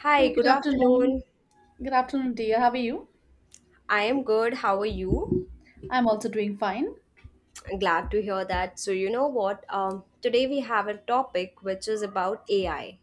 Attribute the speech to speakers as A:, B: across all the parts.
A: Hi,
B: Hey, good
A: good
B: afternoon.
A: afternoon.
B: Good afternoon, dear. How are you?
A: I am good. How are you?
B: I'm also doing fine.
A: Glad to hear that. So, you know what? Today we have a topic which is about AI.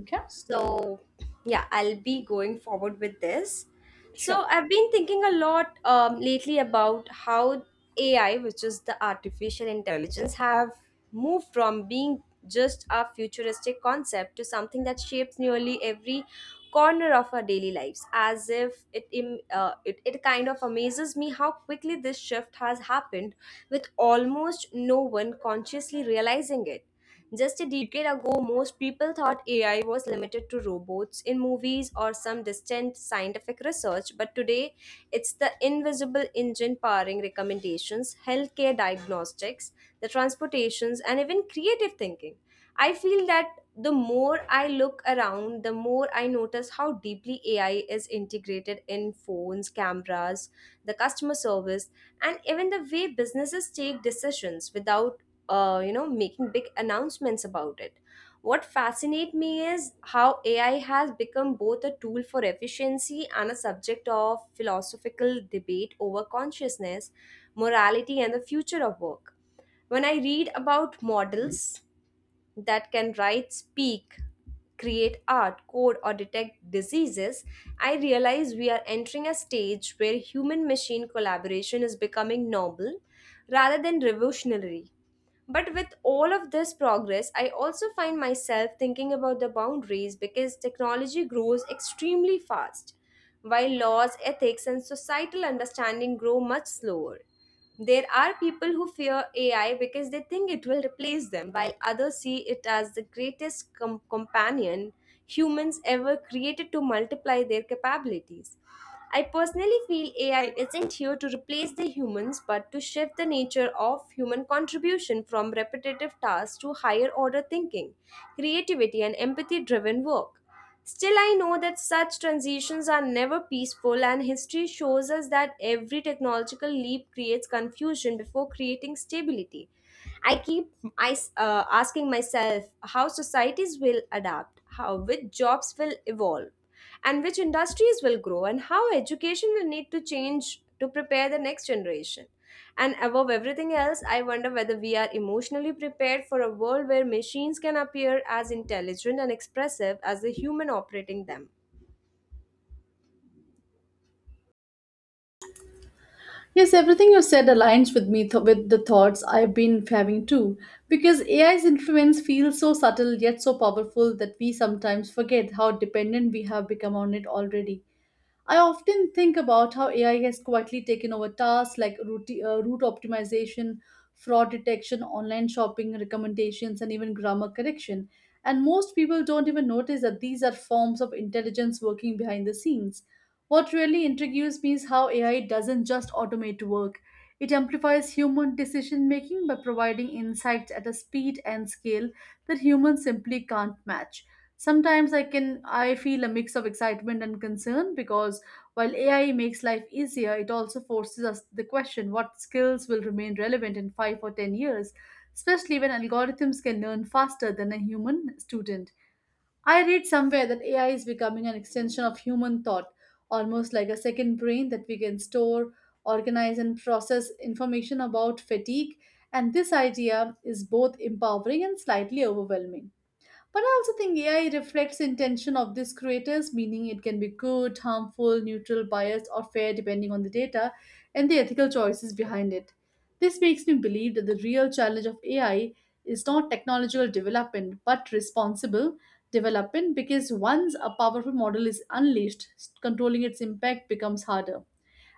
B: Okay,
A: So, yeah, I'll be going forward with this. So,
B: sure.
A: I've been thinking a lot lately about how AI, which is the artificial intelligence, have moved from being just a futuristic concept to something that shapes nearly every corner of our daily lives. As if it, im- it, it kind of amazes me how quickly this shift has happened with almost no one consciously realizing it. Just a decade ago, most people thought AI was limited to robots in movies or some distant scientific research, but today it's the invisible engine powering recommendations, healthcare diagnostics, the transportations, and even creative thinking. I feel that the more I look around, the more I notice how deeply AI is integrated in phones, cameras, the customer service, and even the way businesses take decisions without making big announcements about it. What fascinates me is how AI has become both a tool for efficiency and a subject of philosophical debate over consciousness, morality, and the future of work. When I read about models that can write, speak, create art, code, or detect diseases, I realize we are entering a stage where human machine collaboration is becoming normal rather than revolutionary. But with all of this progress, I also find myself thinking about the boundaries because technology grows extremely fast, while laws, ethics, and societal understanding grow much slower. There are people who fear AI because they think it will replace them, while others see it as the greatest companion humans ever created to multiply their capabilities. I personally feel AI isn't here to replace the humans but to shift the nature of human contribution from repetitive tasks to higher order thinking, creativity, and empathy driven work. Still, I know that such transitions are never peaceful, and history shows us that every technological leap creates confusion before creating stability. I keep I asking myself how societies will adapt, how which jobs will evolve, and which industries will grow and how education will need to change to prepare the next generation. And above everything else, I wonder whether we are emotionally prepared for a world where machines can appear as intelligent and expressive as the human operating them.
B: Yes, everything you said aligns with me with the thoughts I've been having too. Because AI's influence feels so subtle yet so powerful that we sometimes forget how dependent we have become on it already. I often think about how AI has quietly taken over tasks like route optimization, fraud detection, online shopping recommendations, and even grammar correction. And most people don't even notice that these are forms of intelligence working behind the scenes. What really intrigues me is how AI doesn't just automate work, it amplifies human decision making by providing insights at a speed and scale that humans simply can't match. Sometimes I feel a mix of excitement and concern because while AI makes life easier, it also forces us the question what skills will remain relevant in 5 or 10 years, especially when algorithms can learn faster than a human student. I read somewhere that AI is becoming an extension of human thought, almost like a second brain that we can store, organize and process information about fatigue, and this idea is both empowering and slightly overwhelming. But I also think AI reflects intention of these creators, meaning it can be good, harmful, neutral, biased, or fair depending on the data and the ethical choices behind it. This makes me believe that the real challenge of AI is not technological development but responsible development because once a powerful model is unleashed, controlling its impact becomes harder.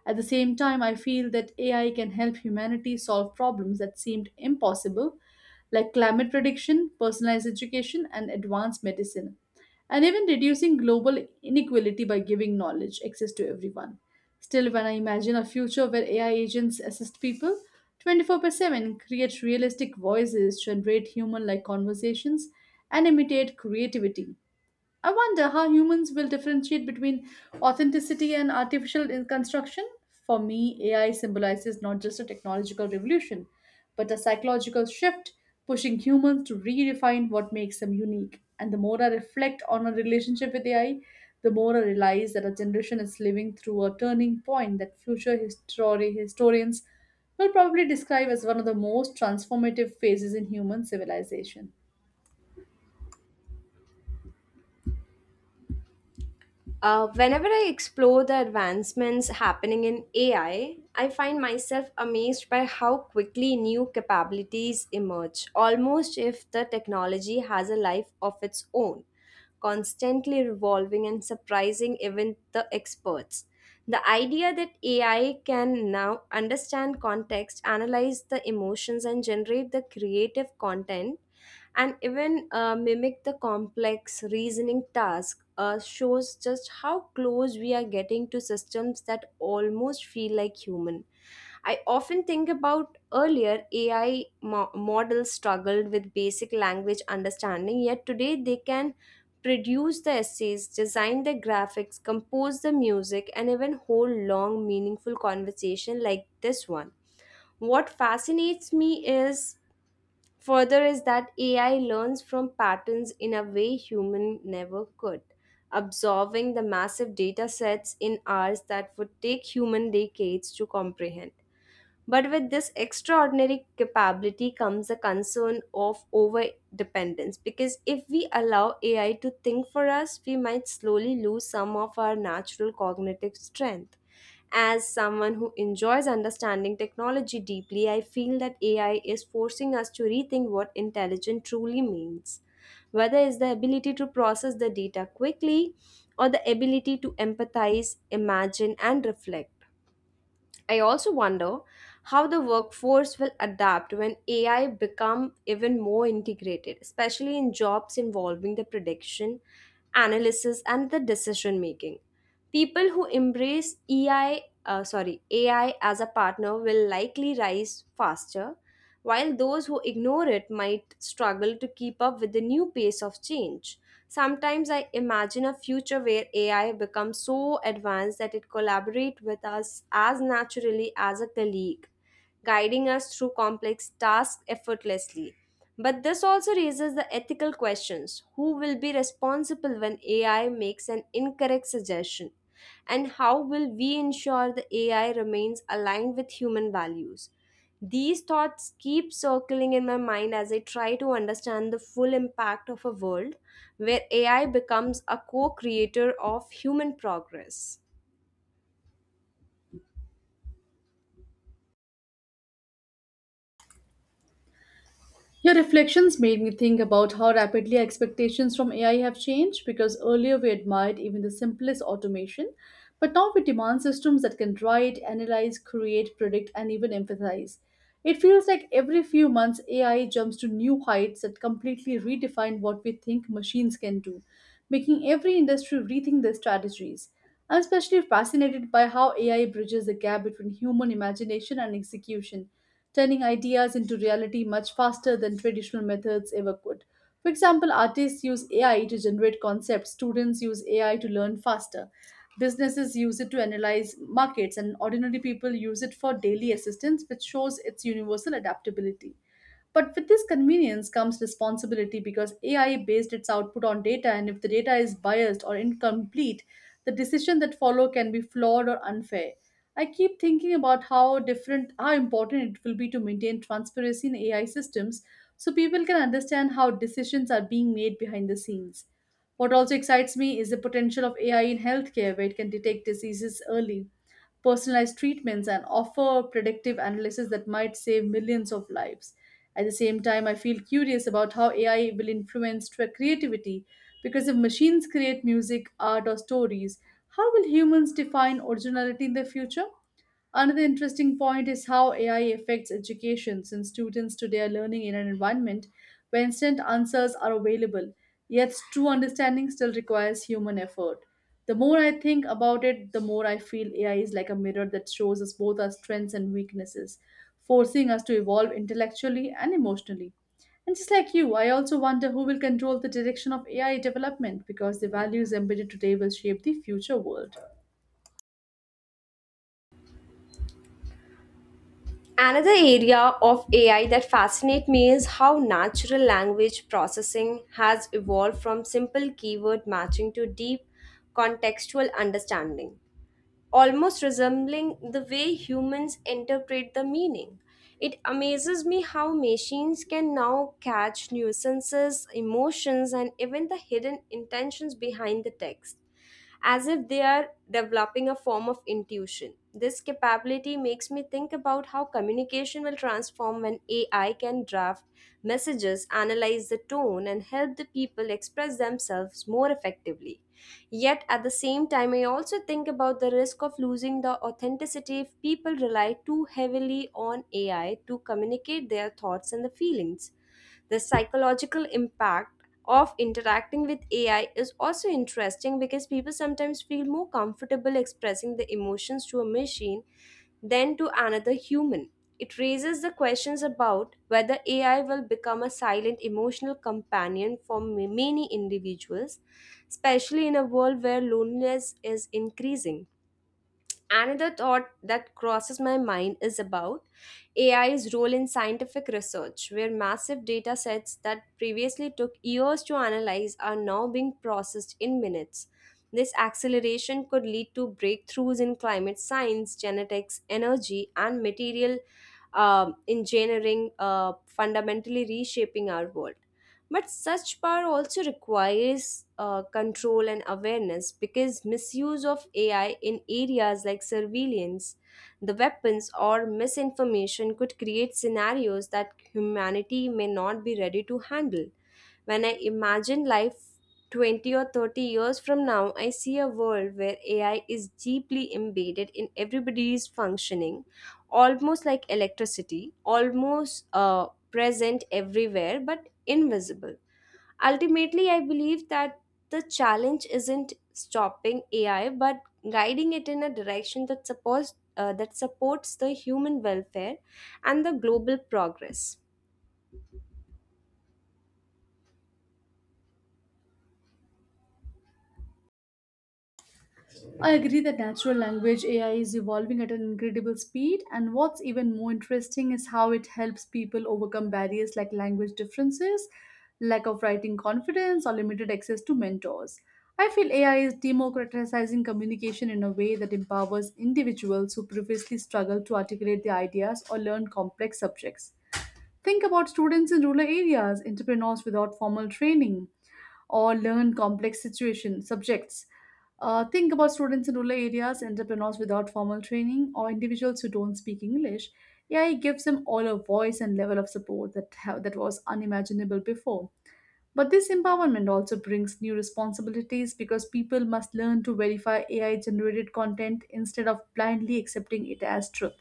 B: At the same time, I feel that AI can help humanity solve problems that seemed impossible, like climate prediction, personalized education, and advanced medicine, and even reducing global inequality by giving knowledge access to everyone. Still, when I imagine a future where AI agents assist people 24 by 7, create realistic voices, generate human like conversations, and imitate creativity, I wonder how humans will differentiate between authenticity and artificial construction. For me, AI symbolizes not just a technological revolution, but a psychological shift, pushing humans to redefine what makes them unique. And the more I reflect on our relationship with AI, the more I realize that our generation is living through a turning point that future history historians will probably describe as one of the most transformative phases in human civilization.
A: Whenever I explore the advancements happening in AI, I find myself amazed by how quickly new capabilities emerge, almost if the technology has a life of its own, constantly revolving and surprising even the experts. The idea that AI can now understand context, analyze the emotions, and generate the creative content, and even mimic the complex reasoning task, shows just how close we are getting to systems that almost feel like human. I often think about earlier AI models struggled with basic language understanding, yet today they can produced the essays, designed the graphics, composed the music, and even hold long, meaningful conversation like this one. What fascinates me is further is that AI learns from patterns in a way human never could, absorbing the massive data sets in hours that would take human decades to comprehend. But with this extraordinary capability comes a concern of over dependence because if we allow AI to think for us, we might slowly lose some of our natural cognitive strength. As someone who enjoys understanding technology deeply, I feel that AI is forcing us to rethink what intelligence truly means, whether it's the ability to process the data quickly or the ability to empathize, imagine, and reflect. I also wonder how the workforce will adapt when AI become even more integrated, especially in jobs involving the prediction, analysis, and the decision making. People who embrace AI as a partner will likely rise faster, while those who ignore it might struggle to keep up with the new pace of change. Sometimes I imagine a future where AI becomes so advanced that it collaborates with us as naturally as a colleague, guiding us through complex tasks effortlessly. But this also raises the ethical questions. Who will be responsible when AI makes an incorrect suggestion? And how will we ensure the AI remains aligned with human values? These thoughts keep circling in my mind as I try to understand the full impact of a world where AI becomes a co creator of human progress.
B: Your reflections made me think about how rapidly expectations from AI have changed because earlier we admired even the simplest automation, but now we demand systems that can write, analyze, create, predict, and even empathize. It feels like every few months AI jumps to new heights that completely redefine what we think machines can do, making every industry rethink their strategies. I'm especially fascinated by how AI bridges the gap between human imagination and execution, turning ideas into reality much faster than traditional methods ever could. For example, artists use AI to generate concepts, students use AI to learn faster, businesses use it to analyze markets, and ordinary people use it for daily assistance, which shows its universal adaptability. But with this convenience comes responsibility because AI based its output on data, and if the data is biased or incomplete, the decision that follow can be flawed or unfair. I keep thinking about how important it will be to maintain transparency in AI systems so people can understand how decisions are being made behind the scenes. What also excites me is the potential of AI in healthcare, where it can detect diseases early, personalized treatments, and offer predictive analysis that might save millions of lives. At the same time, I feel curious about how AI will influence creativity because if machines create music, art, or stories, how will humans define originality in the future? Another interesting point is how AI affects education, since students today are learning in an environment where instant answers are available, yet true understanding still requires human effort. The more I think about it, the more I feel AI is like a mirror that shows us both our strengths and weaknesses, forcing us to evolve intellectually and emotionally. And just like you, I also wonder who will control the direction of AI development because the values embedded today will shape the future world.
A: Another area of AI that fascinates me is how natural language processing has evolved from simple keyword matching to deep contextual understanding, almost resembling the way humans interpret the meaning. It amazes me how machines can now catch nuisances, emotions, and even the hidden intentions behind the text as if they are developing a form of intuition. This capability makes me think about how communication will transform when AI can draft messages, analyze the tone, and help the people express themselves more effectively. Yet at the same time, I also think about the risk of losing the authenticity if people rely too heavily on AI to communicate their thoughts and the feelings. The psychological impact of interacting with AI is also interesting because people sometimes feel more comfortable expressing the emotions to a machine than to another human. It raises the questions about whether AI will become a silent emotional companion for many individuals, especially in a world where loneliness is increasing. Another thought that crosses my mind is about AI's role in scientific research, where massive data sets that previously took years to analyze are now being processed in minutes. This acceleration could lead to breakthroughs in climate science, genetics, energy, and material engineering, fundamentally reshaping our world. But such power also requires control and awareness because misuse of AI in areas like surveillance, the weapons, or misinformation could create scenarios that humanity may not be ready to handle. When I imagine life 20 or 30 years from now, I see a world where AI is deeply embedded in everybody's functioning, almost like electricity, almost present everywhere, but invisible. Ultimately, I believe that the challenge isn't stopping AI but guiding it in a direction that supports the human welfare and the global progress.
B: I agree that natural language AI is evolving at an incredible speed, and what's even more interesting is how it helps people overcome barriers like language differences, lack of writing confidence, or limited access to mentors. I feel AI is democratizing communication in a way that empowers individuals who previously struggled to articulate their ideas or learn complex subjects. Think about students in rural areas, entrepreneurs without formal training, or learn complex situation subjects. Think about students in rural areas, entrepreneurs without formal training, or individuals who don't speak English. AI gives them all a voice and level of support that was unimaginable before. But this empowerment also brings new responsibilities because people must learn to verify AI generated content instead of blindly accepting it as truth.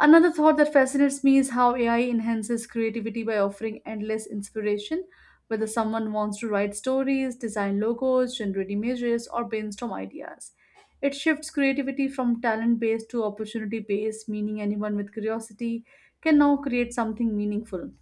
B: Another thought that fascinates me is how AI enhances creativity by offering endless inspiration. Whether someone wants to write stories, design logos, generate images, or brainstorm ideas, it shifts creativity from talent based to opportunity based, meaning anyone with curiosity can now create something meaningful.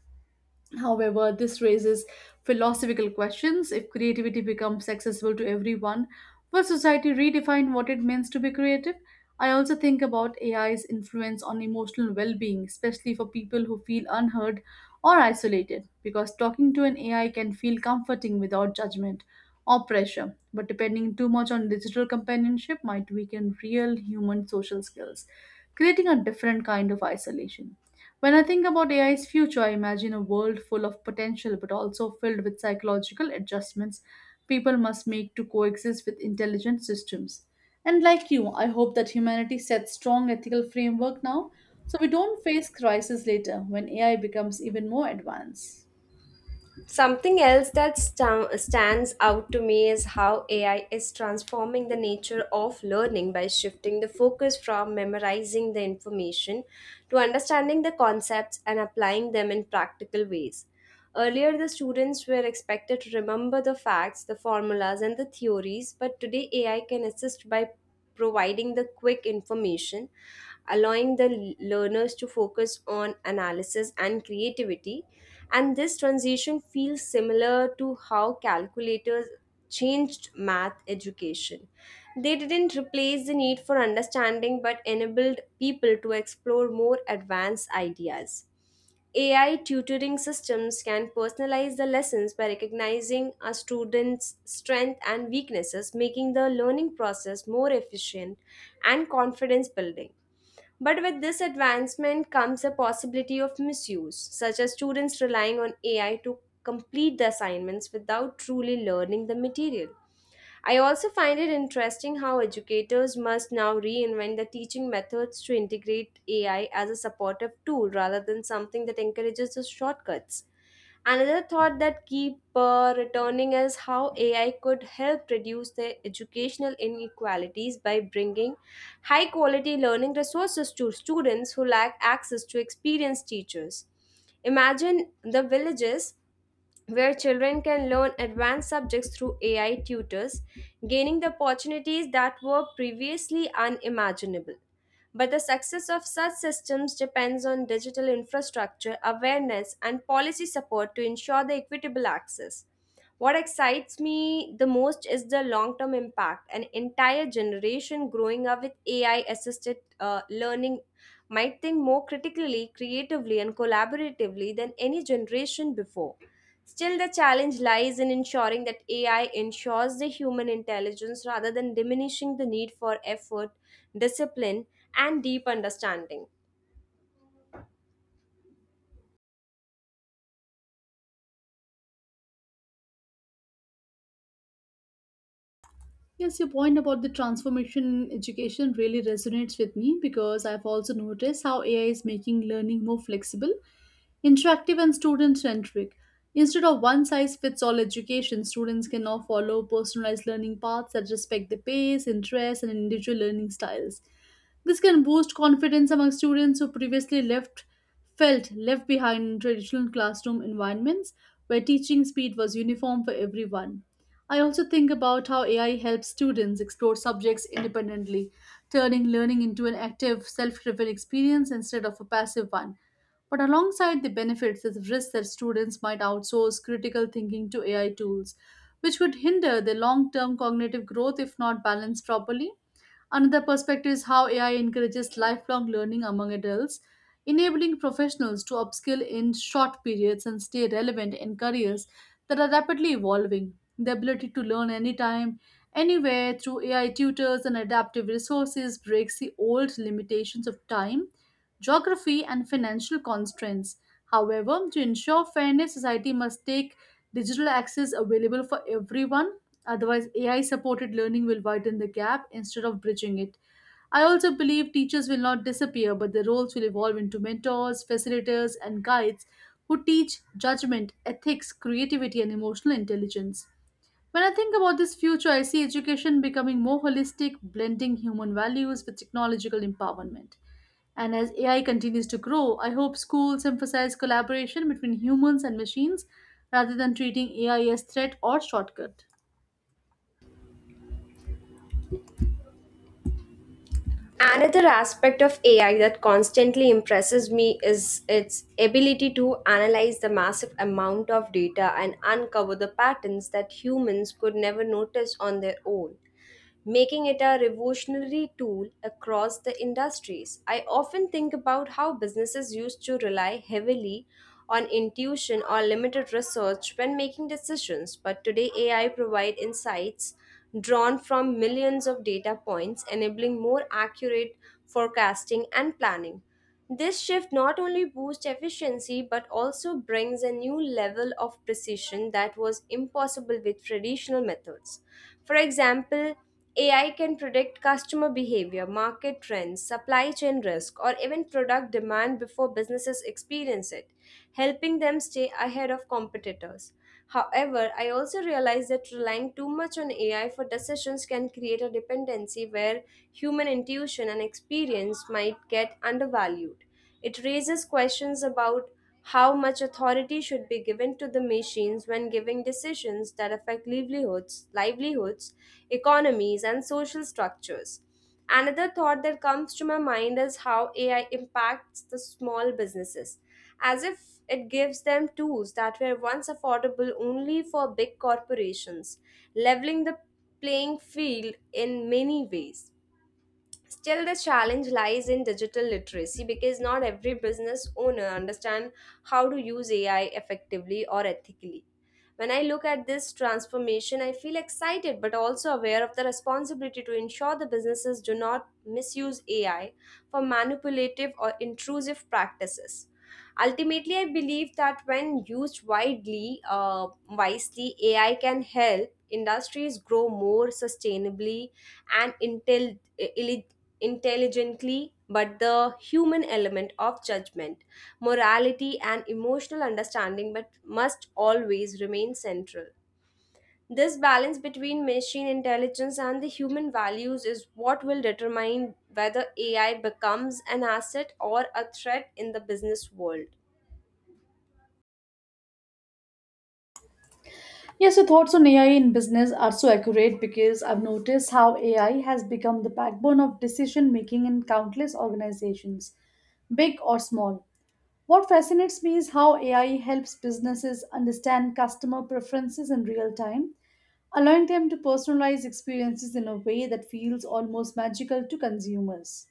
B: However, this raises philosophical questions. If creativity becomes accessible to everyone, will society redefine what it means to be creative? I also think about AI's influence on emotional well being, especially for people who feel unheard or isolated, because talking to an AI can feel comforting without judgment or pressure. But depending too much on digital companionship might weaken real human social skills, creating a different kind of isolation. When I think about AI's future, I imagine a world full of potential but also filled with psychological adjustments people must make to coexist with intelligent systems. And like you, I hope that humanity sets strong ethical framework now so we don't face crisis later when AI becomes even more advanced.
A: Something else that stands out to me is how AI is transforming the nature of learning by shifting the focus from memorizing the information to understanding the concepts and applying them in practical ways. Earlier, the students were expected to remember the facts, the formulas, and the theories, but today AI can assist by providing the quick information, allowing the learners to focus on analysis and creativity. And this transition feels similar to how calculators changed math education. They didn't replace the need for understanding but enabled people to explore more advanced ideas. AI tutoring systems can personalize the lessons by recognizing a student's strengths and weaknesses, making the learning process more efficient and confidence building. But with this advancement comes a possibility of misuse, such as students relying on AI to complete the assignments without truly learning the material. I also find it interesting how educators must now reinvent the teaching methods to integrate AI as a supportive tool rather than something that encourages the shortcuts. Another thought that keep returning is how AI could help reduce the educational inequalities by bringing high quality learning resources to students who lack access to experienced teachers. Imagine the villages where children can learn advanced subjects through AI tutors, gaining the opportunities that were previously unimaginable. But the success of such systems depends on digital infrastructure, awareness, and policy support to ensure the equitable access. What excites me the most is the long term impact. An entire generation growing up with AI assisted learning might think more critically, creatively, and collaboratively than any generation before. Still, the challenge lies in ensuring that AI ensures the human intelligence rather than diminishing the need for effort, discipline, and deep understanding.
B: Yes, your point about the transformation in education really resonates with me because I've also noticed how AI is making learning more flexible, interactive, and student centric. Instead of one size fits all education, students can now follow personalized learning paths that respect their pace, interests, and individual learning styles. This can boost confidence among students who previously left felt left behind in traditional classroom environments where teaching speed was uniform for everyone. I also think about how AI helps students explore subjects independently, turning learning into an active, self driven experience instead of a passive one. But alongside the benefits is the risk that students might outsource critical thinking to AI tools, which could hinder their long term cognitive growth if not balanced properly. Another perspective is how AI encourages lifelong learning among adults, enabling professionals to upskill in short periods and stay relevant in careers that are rapidly evolving. The ability to learn anytime, anywhere through AI tutors and adaptive resources breaks the old limitations of time, geography, and financial constraints. However, to ensure fairness, society must take digital access available for everyone. Otherwise, AI supported learning will widen the gap instead of bridging it. I also believe teachers will not disappear, but their roles will evolve into mentors, facilitators, and guides who teach judgment, ethics, creativity, and emotional intelligence. When I think about this future, I see education becoming more holistic, blending human values with technological empowerment. And as AI continues to grow, I hope schools emphasize collaboration between humans and machines rather than treating AI as threat or shortcut.
A: Another aspect of AI that constantly impresses me is its ability to analyze the massive amount of data and uncover the patterns that humans could never notice on their own, making it a revolutionary tool across the industries. I often think about how businesses used to rely heavily on intuition or limited research when making decisions, but today AI provides insights drawn from millions of data points, enabling more accurate forecasting and planning. This shift not only boosts efficiency but also brings a new level of precision that was impossible with traditional methods. For example, AI can predict customer behavior, market trends, supply chain risk, or even product demand before businesses experience it, helping them stay ahead of competitors. However, I also realize that relying too much on AI for decisions can create a dependency where human intuition and experience might get undervalued. It raises questions about how much authority should be given to the machines when giving decisions that affect livelihoods, economies, and social structures. Another thought that comes to my mind is how AI impacts the small businesses, as if it gives them tools that were once affordable only for big corporations, leveling the playing field in many ways. Still, the challenge lies in digital literacy because not every business owner understand how to use AI effectively or ethically. When I look at this transformation, I feel excited but also aware of the responsibility to ensure the businesses do not misuse AI for manipulative or intrusive practices. Ultimately, I believe that when used wisely, AI can help industries grow more sustainably and intelligently, but the human element of judgment, morality, and emotional understanding but must always remain central. This balance between machine intelligence and the human values is what will determine whether AI becomes an asset or a threat in the business world.
B: Yes, your thoughts on AI in business are so accurate because I've noticed how AI has become the backbone of decision making in countless organizations, big or small. What fascinates me is how AI helps businesses understand customer preferences in real time, allowing them to personalize experiences in a way that feels almost magical to consumers,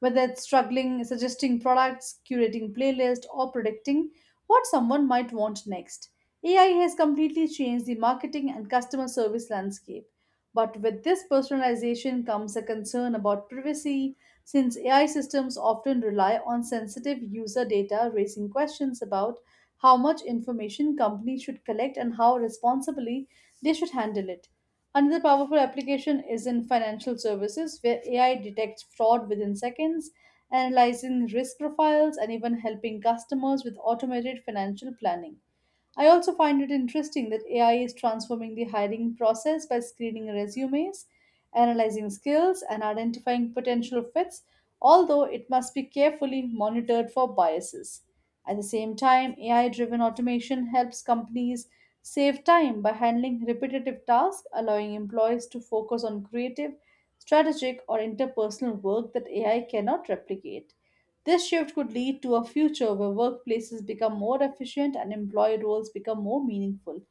B: whether it's struggling, suggesting products, curating playlists, or predicting what someone might want next. AI has completely changed the marketing and customer service landscape. But with this personalization comes a concern about privacy, since AI systems often rely on sensitive user data, raising questions about how much information companies should collect and how responsibly they should handle it. Another powerful application is in financial services, where AI detects fraud within seconds, analyzing risk profiles, and even helping customers with automated financial planning. I also find it interesting that AI is transforming the hiring process by screening resumes, analyzing skills, and identifying potential fits, although it must be carefully monitored for biases. At the same time, AI driven automation helps companies save time by handling repetitive tasks, allowing employees to focus on creative, strategic, or interpersonal work that AI cannot replicate. This shift could lead to a future where workplaces become more efficient and employee roles become more meaningful,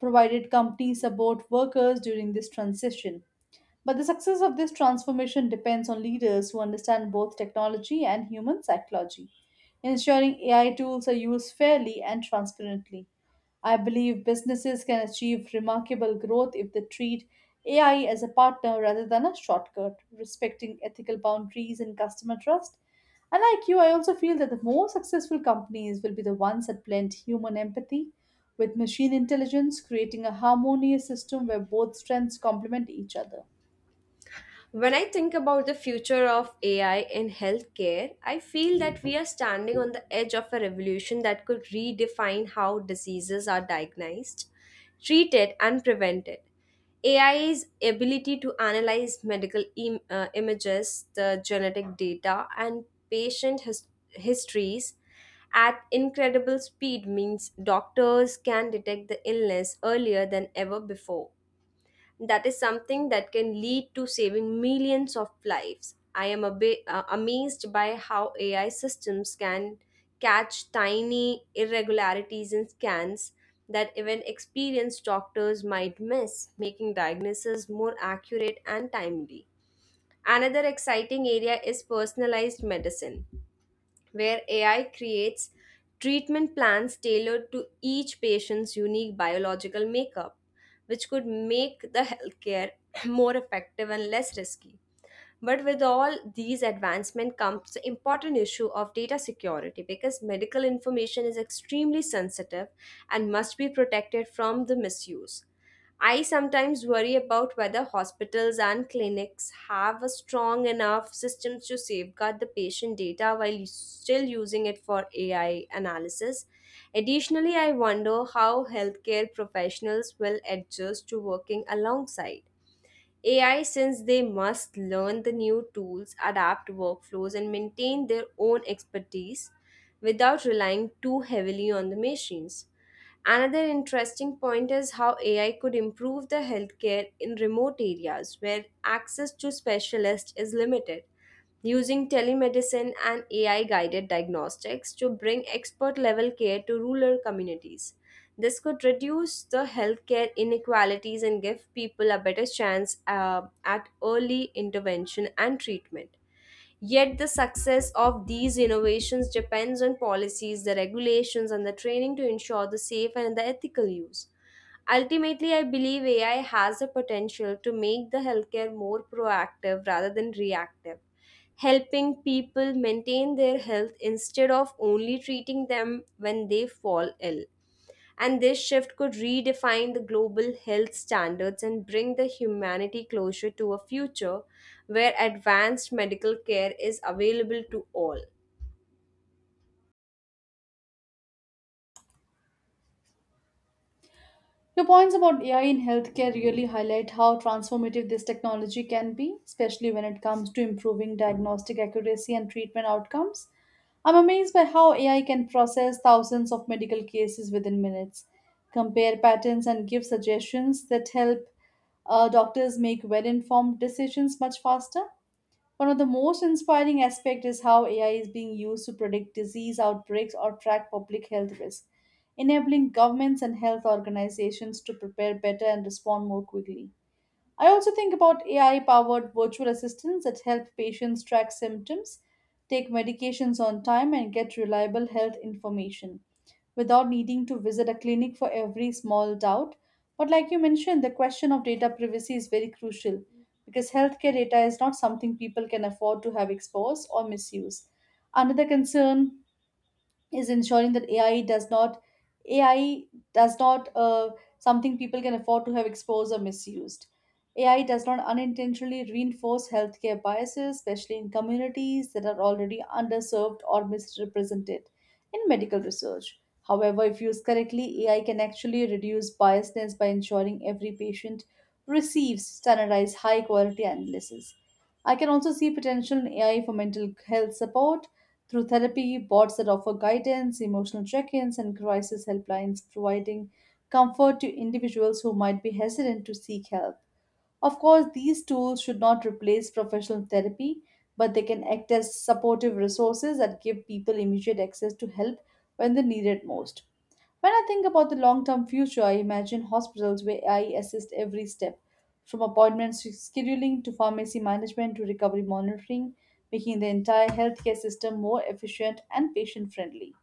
B: provided companies support workers during this transition. But the success of this transformation depends on leaders who understand both technology and human psychology, ensuring AI tools are used fairly and transparently. I believe businesses can achieve remarkable growth if they treat AI as a partner rather than a shortcut, respecting ethical boundaries and customer trust. And like you, I also feel that the more successful companies will be the ones that blend human empathy with machine intelligence, creating a harmonious system where both strengths complement each other.
A: When I think about the future of AI in healthcare, I feel that we are standing on the edge of a revolution that could redefine how diseases are diagnosed, treated, and prevented. AI's ability to analyze medical images, the genetic data, and patient histories at incredible speed means doctors can detect the illness earlier than ever before that is something that can lead to saving millions of lives. I am amazed by how AI systems can catch tiny irregularities in scans that even experienced doctors might miss, making diagnosis more accurate and timely. Another exciting area is personalized medicine where AI creates treatment plans tailored to each patient's unique biological makeup, which could make the healthcare more effective and less risky. But with all these advancements comes the important issue of data security because medical information is extremely sensitive and must be protected from the misuse. I sometimes worry about whether hospitals and clinics have a strong enough systems to safeguard the patient data while still using it for AI analysis. Additionally, I wonder how healthcare professionals will adjust to working alongside AI, since they must learn the new tools, adapt workflows, and maintain their own expertise without relying too heavily on the machines. Another interesting point is how AI could improve the healthcare in remote areas where access to specialists is limited using telemedicine and AI guided diagnostics to bring expert level care to rural communities. This could reduce the healthcare inequalities and give people a better chance at early intervention and treatment. Yet, the success of these innovations depends on policies, the regulations, and the training to ensure the safe and the ethical use. Ultimately, I believe AI has the potential to make the healthcare more proactive rather than reactive, helping people maintain their health instead of only treating them when they fall ill. And this shift could redefine the global health standards and bring the humanity closer to a future where advanced medical care is available to all.
B: Your points about AI in healthcare really highlight how transformative this technology can be, especially when it comes to improving diagnostic accuracy and treatment outcomes. I'm amazed by how AI can process thousands of medical cases within minutes, compare patterns, and give suggestions that help doctors make well informed decisions much faster. One of the most inspiring aspects is how AI is being used to predict disease outbreaks or track public health risks, enabling governments and health organizations to prepare better and respond more quickly. I also think about AI powered virtual assistants that help patients track symptoms, take medications on time, and get reliable health information without needing to visit a clinic for every small doubt. But, like you mentioned, the question of data privacy is very crucial because healthcare data is not something people can afford to have exposed or misuse. Another concern is ensuring that AI does not AI does not uh, something people can afford to have exposed or misused. AI does not unintentionally reinforce healthcare biases, especially in communities that are already underserved or misrepresented in medical research. However, if used correctly, AI can actually reduce biasness by ensuring every patient receives standardized, high quality analysis. I can also see potential in AI for mental health support, through therapy, bots that offer guidance, emotional check ins, and crisis helplines, providing comfort to individuals who might be hesitant to seek help. Of course, these tools should not replace professional therapy, but they can act as supportive resources that give people immediate access to help when they need it most. When I think about the long term future, I imagine hospitals where AI assists every step, from appointments to scheduling to pharmacy management to recovery monitoring, making the entire healthcare system more efficient and patient friendly.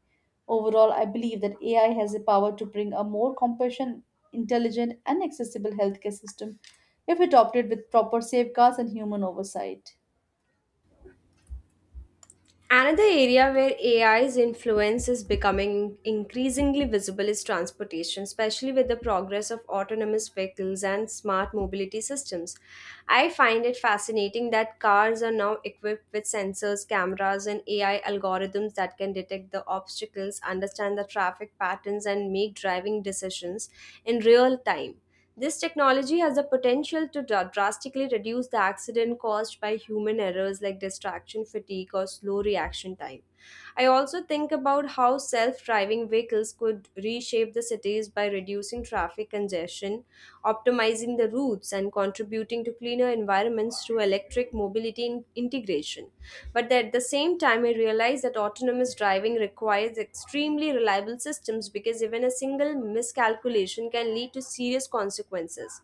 B: Overall, I believe that AI has the power to bring a more compassionate, intelligent, and accessible healthcare system if adopted with proper safeguards and human oversight.
A: Another area where AI's influence is becoming increasingly visible is transportation, especially with the progress of autonomous vehicles and smart mobility systems. I find it fascinating that cars are now equipped with sensors, cameras, and AI algorithms that can detect the obstacles, understand the traffic patterns, and make driving decisions in real time. This technology has the potential to drastically reduce the accident caused by human errors like distraction fatigue or slow reaction time. I also think about how self driving vehicles could reshape the cities by reducing traffic congestion, optimizing the routes, and contributing to cleaner environments through electric mobility integration. But at the same time, I realize that autonomous driving requires extremely reliable systems because even a single miscalculation can lead to serious consequences.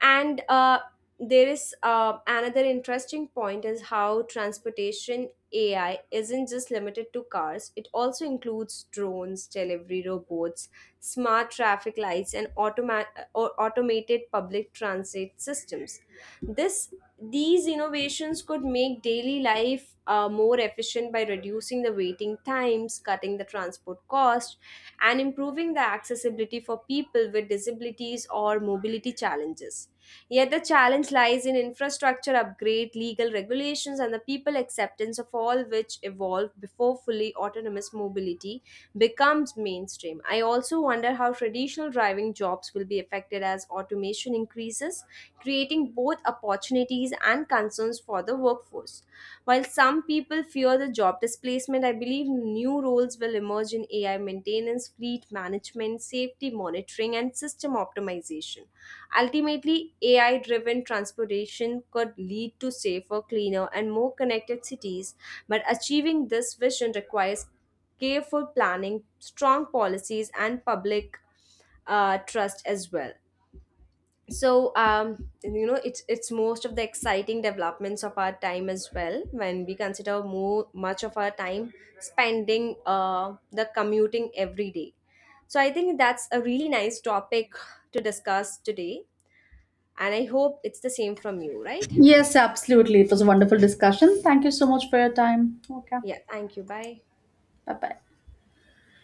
A: And there is Another interesting point is how transportation AI isn't just limited to cars. It also includes drones, delivery robots, smart traffic lights, and automa- or automated public transit systems. This These innovations could make daily life more efficient by reducing the waiting times, cutting the transport cost, and improving the accessibility for people with disabilities or mobility challenges. Yet the challenge lies in infrastructure upgrade, legal regulations, and the people acceptance of all which evolve before fully autonomous mobility becomes mainstream. I also wonder how traditional driving jobs will be affected as automation increases, creating both opportunities and concerns for the workforce. While some people fear the job displacement, I believe new roles will emerge in AI maintenance, fleet management, safety monitoring, and system optimization. Ultimately, AI driven transportation could lead to safer, cleaner, and more connected cities, but achieving this vision requires careful planning, strong policies, and public trust as well. So, it's most of the exciting developments of our time as well. When we consider more much of our time spending the commuting every day, so I think that's a really nice topic to discuss today. And I hope it's the same from you, right?
B: Yes, absolutely. It was a wonderful discussion. Thank you so much for your time. Okay,
A: Yeah, thank you. Bye.
B: bye bye.